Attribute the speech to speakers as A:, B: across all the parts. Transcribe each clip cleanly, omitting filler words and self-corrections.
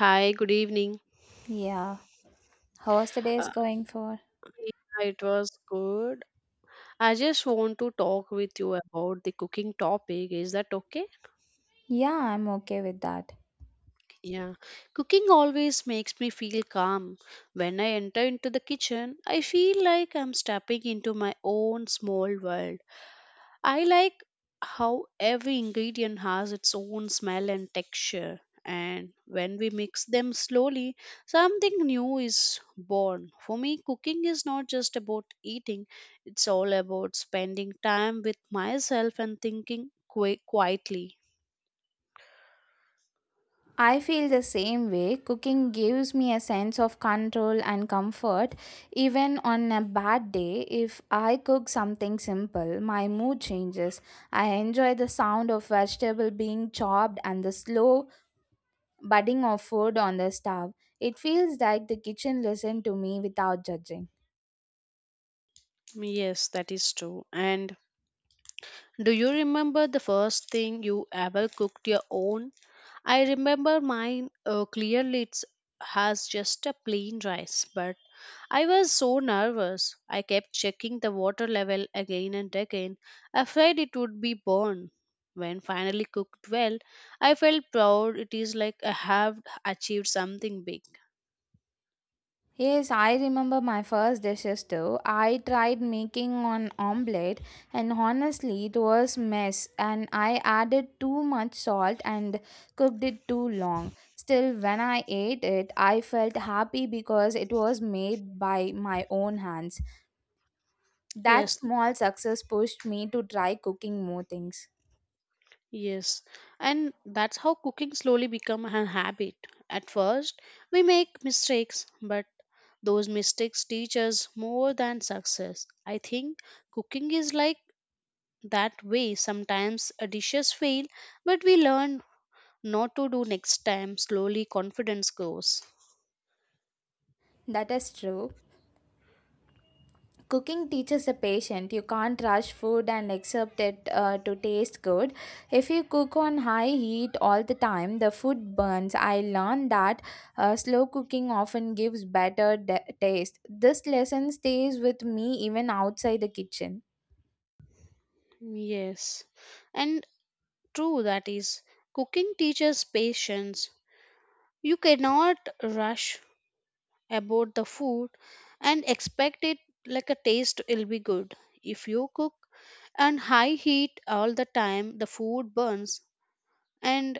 A: Hi, good evening.
B: Yeah. How's the day is
A: Uh,
B: going for?
A: yeah, it was good. I just want to talk with you about the cooking topic. Is that okay?
B: Yeah, I'm okay with that.
A: Yeah, cooking always makes me feel calm. When I enter into the kitchen, I feel like I'm stepping into my own small world. I like how every ingredient has its own smell and texture, and when we mix them slowly, something new is born. For me, cooking is not just about eating, it's all about spending time with myself and thinking quietly.
B: I feel the same way. Cooking gives me a sense of control and comfort. Even on a bad day, if I cook something simple, my mood changes. I enjoy the sound of vegetable being chopped and the slow budding of food on the stove. It feels like the kitchen listened to me without judging.
A: Yes, that is true. And do you remember the first thing you ever cooked your own? I remember mine clearly it has just a plain rice, but I was so nervous. I kept checking the water level again and again, afraid it would be burned. When finally cooked well, I felt proud. It is like I have achieved something big.
B: Yes, I remember my first dishes too. I tried making an omelette, and honestly it was mess and I added too much salt and cooked it too long. Still, when I ate it, I felt happy because it was made by my own hands. That
A: Yes,
B: small success pushed me to try cooking more things.
A: Yes, and that's how cooking slowly become a habit. At first, we make mistakes, but those mistakes teach us more than success. I think cooking is like that way. Sometimes a dishes fail, but we learn not to do next time. Slowly, confidence grows.
B: That is true. Cooking teaches the patient you can't rush food and accept it to taste good. If you cook on high heat all the time, the food burns. I learned that slow cooking often gives better taste. This lesson stays with me even outside the kitchen.
A: Yes, and true that is. Cooking teaches patience. You cannot rush about the food and expect it like a taste will be good if you cook and high heat all the time the food burns, and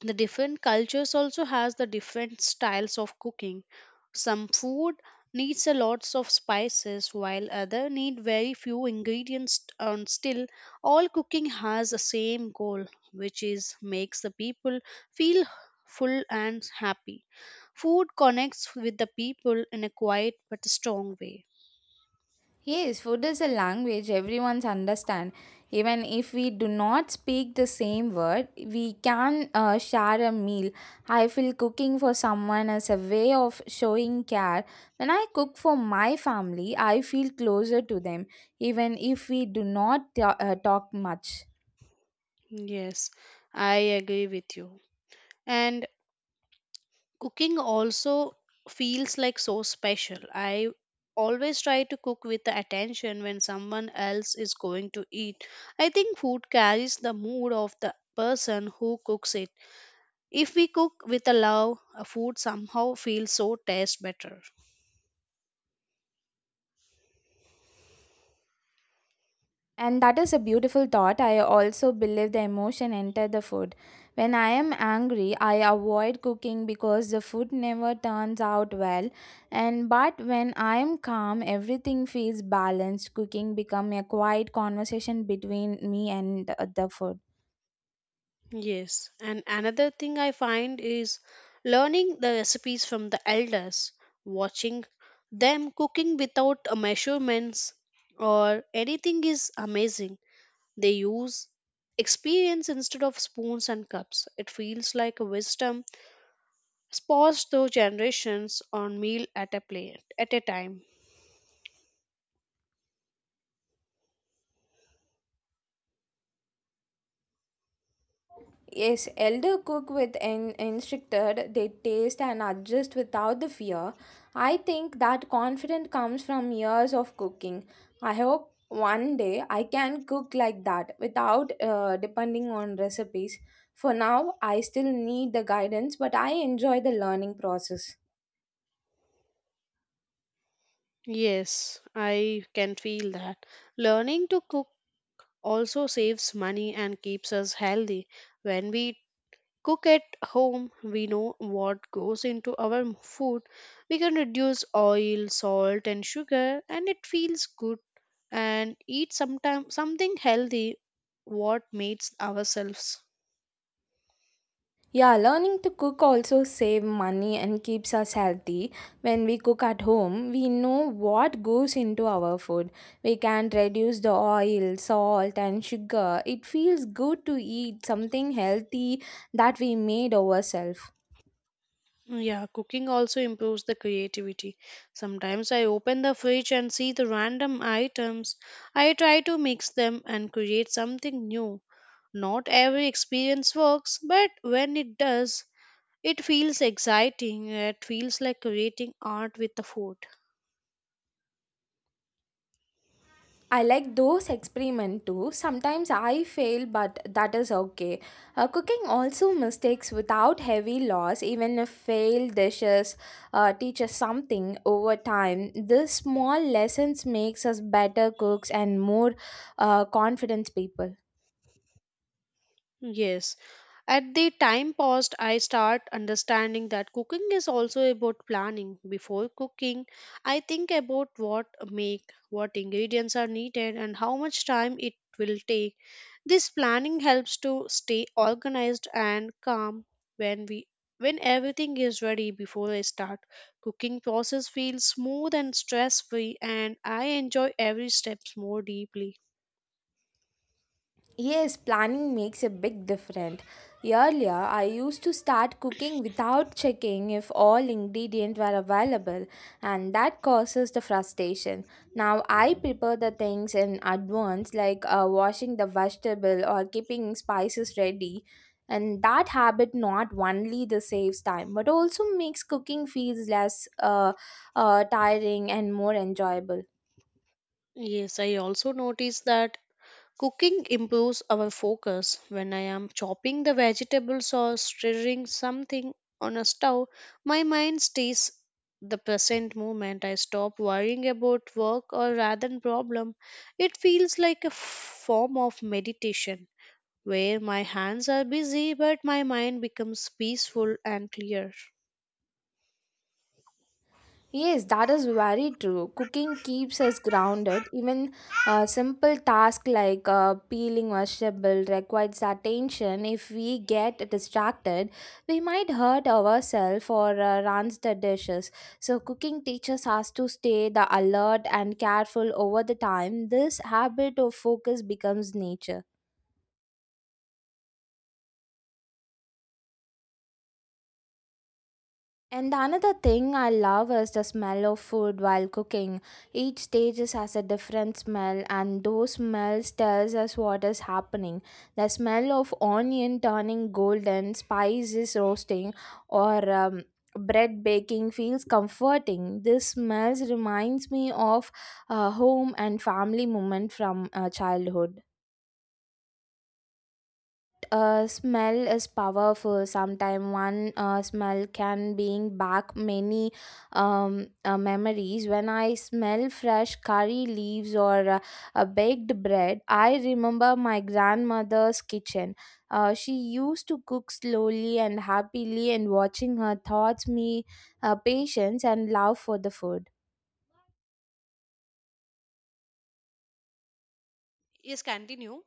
A: the different cultures also has the different styles of cooking. Some food needs a lots of spices while other need very few ingredients, and still all cooking has the same goal, which is makes the people feel full and happy. Food connects with the people in a quiet but strong way.
B: Yes, food is a language everyone's understand. Even if we do not speak the same word, we can share a meal. I feel cooking for someone as a way of showing care. When I cook for my family, I feel closer to them, even if we do not talk much.
A: Yes, I agree with you. And cooking also feels like so special. I always try to cook with the attention when someone else is going to eat. I think food carries the mood of the person who cooks it. If we cook with a love, a food somehow feels so taste better.
B: And that is a beautiful thought. I also believe the emotion enter the food. When I am angry, I avoid cooking because the food never turns out well. And but when I am calm, everything feels balanced. Cooking become a quiet conversation between me and the food.
A: Yes, and another thing I find is learning the recipes from the elders, watching them cooking without measurements or anything is amazing. They use experience instead of spoons and cups. It feels like a wisdom passed through generations on meal at a plate at a time.
B: Yes, elder cook with instructed, they taste and adjust without the fear. I think that confidence comes from years of cooking. I hope one day I can cook like that without depending on recipes. For now, I still need the guidance, but I enjoy the learning process.
A: Yes, I can feel that. Learning to cook also saves money and keeps us healthy. When we cook at home, we know what goes into our food. We can reduce oil, salt, and sugar, and it feels good. And eat sometime, something healthy, what mates ourselves.
B: Yeah, learning to cook also save money and keeps us healthy. When we cook at home, we know what goes into our food. We can reduce the oil, salt and sugar. It feels good to eat something healthy that we made ourselves.
A: Yeah, cooking also improves the creativity. Sometimes I open the fridge and see the random items. I try to mix them and create something new. Not every experience works, but when it does, it feels exciting. It feels like creating art with the food.
B: I like those experiment too. Sometimes I fail, but that is okay. Cooking also mistakes without heavy loss. Even if failed dishes teach us something over time. These small lessons makes us better cooks and more confident people.
A: Yes. At the time paused, I start understanding that cooking is also about planning. Before cooking, I think about what make, what ingredients are needed, and how much time it will take. This planning helps to stay organized and calm when we when everything is ready before I start. Cooking process feels smooth and stress free, and I enjoy every steps more deeply.
B: Yes, planning makes a big difference. Earlier, I used to start cooking without checking if all ingredients were available, and that causes the frustration. Now, I prepare the things in advance, like washing the vegetable or keeping spices ready. And that habit not only the saves time, but also makes cooking feels less tiring and more enjoyable.
A: Yes, I also noticed that cooking improves our focus. When I am chopping the vegetables or stirring something on a stove, my mind stays the present moment. I stop worrying about work or rather than problem. It feels like a form of meditation where my hands are busy but my mind becomes peaceful and clear.
B: Yes, that is very true. Cooking keeps us grounded. Even a simple task like peeling vegetable requires attention. If we get distracted, we might hurt ourselves or runs the dishes. So, cooking teaches us to stay the alert and careful over the time. This habit of focus becomes nature. And another thing I love is the smell of food while cooking. Each has a different smell, and those smells tells us what is happening. The smell of onion turning golden, spices roasting, or bread baking feels comforting. This smells reminds me of home and family moment from childhood. Smell is powerful sometime, one smell can bring back many memories. When I smell fresh curry leaves or a baked bread, I remember my grandmother's kitchen. She used to cook slowly and happily, and watching her taught me patience and love for the food.
A: Yes, continue.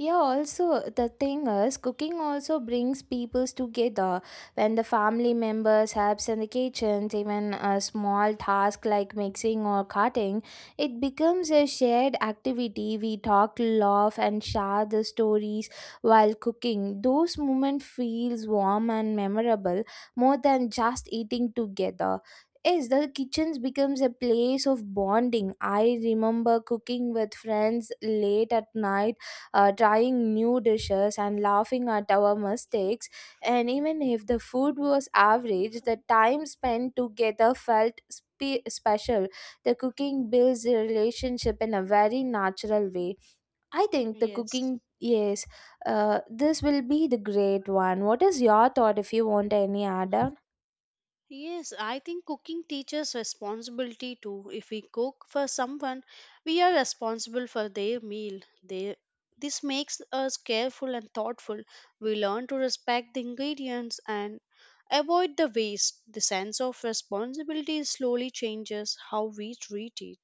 B: Yeah, also the thing is, cooking also brings peoples together. When the family members helps in the kitchen, even a small task like mixing or cutting, it becomes a shared activity. We talk, laugh, and share the stories while cooking. Those moments feels warm and memorable, more than just eating together. Yes, the kitchens becomes a place of bonding. I remember cooking with friends late at night, trying new dishes and laughing at our mistakes. And even if the food was average, the time spent together felt special. The cooking builds a relationship in a very natural way. I think the
A: Yes.
B: cooking, yes, this will be the great one. What is your thought if you want any add on?
A: Yes, I think cooking teaches responsibility too. If we cook for someone, we are responsible for their meal. They, this makes us careful and thoughtful. We learn to respect the ingredients and avoid the waste. The sense of responsibility slowly changes how we treat it.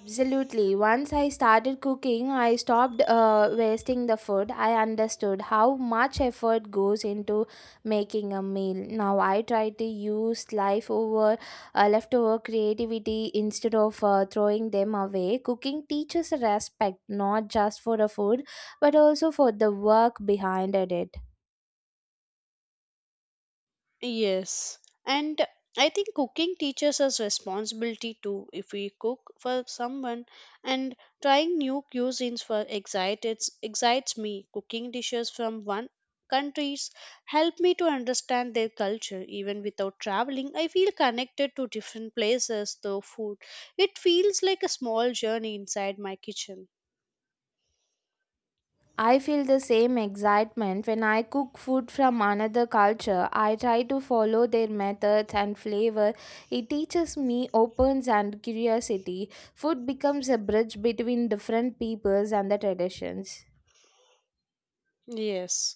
B: Absolutely. Once I started cooking, I stopped wasting the food. I understood how much effort goes into making a meal. Now I try to use life over leftover creativity instead of throwing them away. Cooking teaches respect not just for the food, but also for the work behind it.
A: Yes. And I think cooking teaches us responsibility too. If we cook for someone and trying new cuisines for excited excites me. Cooking dishes from one countries help me to understand their culture even without traveling. I feel connected to different places through food. It feels like a small journey inside my kitchen.
B: I feel the same excitement when I cook food from another culture. I try to follow their methods and flavor. It teaches me opens and curiosity. Food becomes a bridge between different peoples and the traditions.
A: Yes.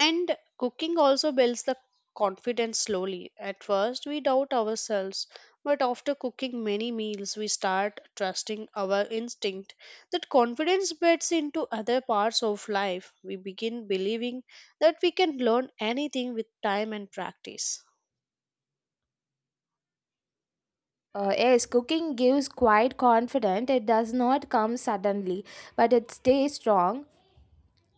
A: And cooking also builds the confidence slowly. At first, we doubt ourselves, but after cooking many meals, we start trusting our instinct. That confidence beds into other parts of life. We begin believing that we can learn anything with time and practice.
B: Yes, cooking gives quite confidence. It does not come suddenly, but it stays strong.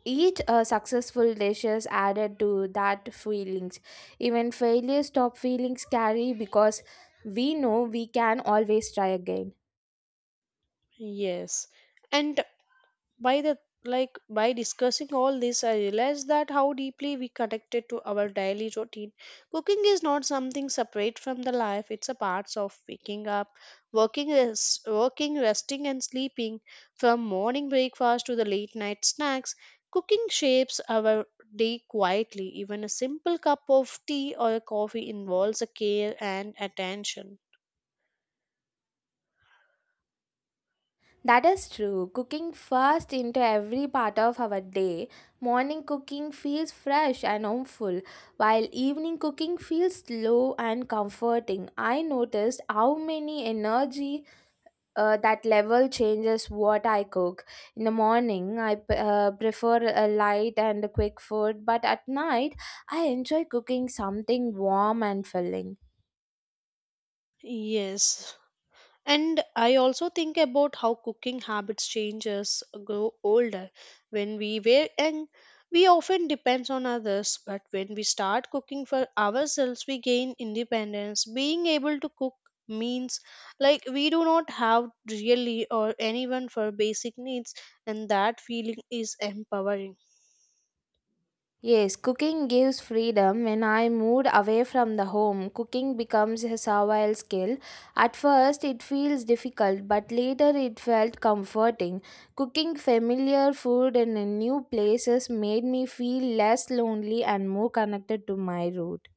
B: Each successful dishes added to that feelings. Even failures stop feelings carry, because we know we can always try again.
A: Yes. And by the like by discussing all this, I realized that how deeply we connected to our daily routine. Cooking is not something separate from the life. It's a part of waking up, working, resting and sleeping. From morning breakfast to the late night snacks, cooking shapes our day quietly. Even a simple cup of tea or a coffee involves a care and attention.
B: That is true. Cooking fast into every part of our day. Morning cooking feels fresh and homeful, while evening cooking feels slow and comforting. I noticed how many energy that level changes what I cook. In the morning, I prefer a light and a quick food, but at night, I enjoy cooking something warm and filling.
A: Yes. And I also think about how cooking habits change as grow older. When we were young, we often depend on others, but when we start cooking for ourselves, we gain independence. Being able to cook means like we do not have really or anyone for basic needs, and that feeling is empowering.
B: Yes, cooking gives freedom. When I moved away from the home, cooking becomes a survival skill. At first, it feels difficult, but later it felt comforting. Cooking familiar food in a new places made me feel less lonely and more connected to my roots.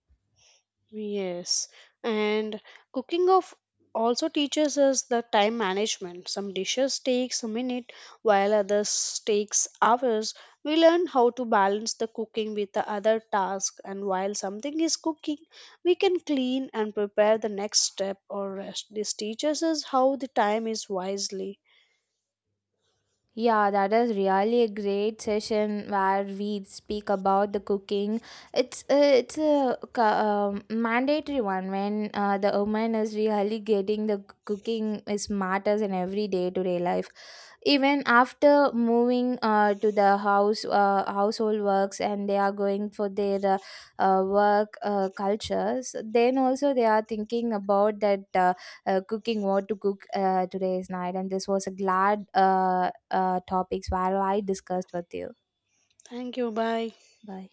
A: Yes, and cooking of also teaches us the time management. Some dishes takes a minute while others takes hours. We learn how to balance the cooking with the other task, and while something is cooking, we can clean and prepare the next step or rest. This teaches us how the time is wisely.
B: Yeah, that is really a great session where we speak about the cooking. It's a, it's a mandatory one when the woman is really getting the cooking is matters in everyday to day life, even after moving to the house, household works, and they are going for their work cultures. Then also they are thinking about that, cooking, what to cook today's night. And this was a glad topics where I discussed with you.
A: Thank you, bye.
B: Bye.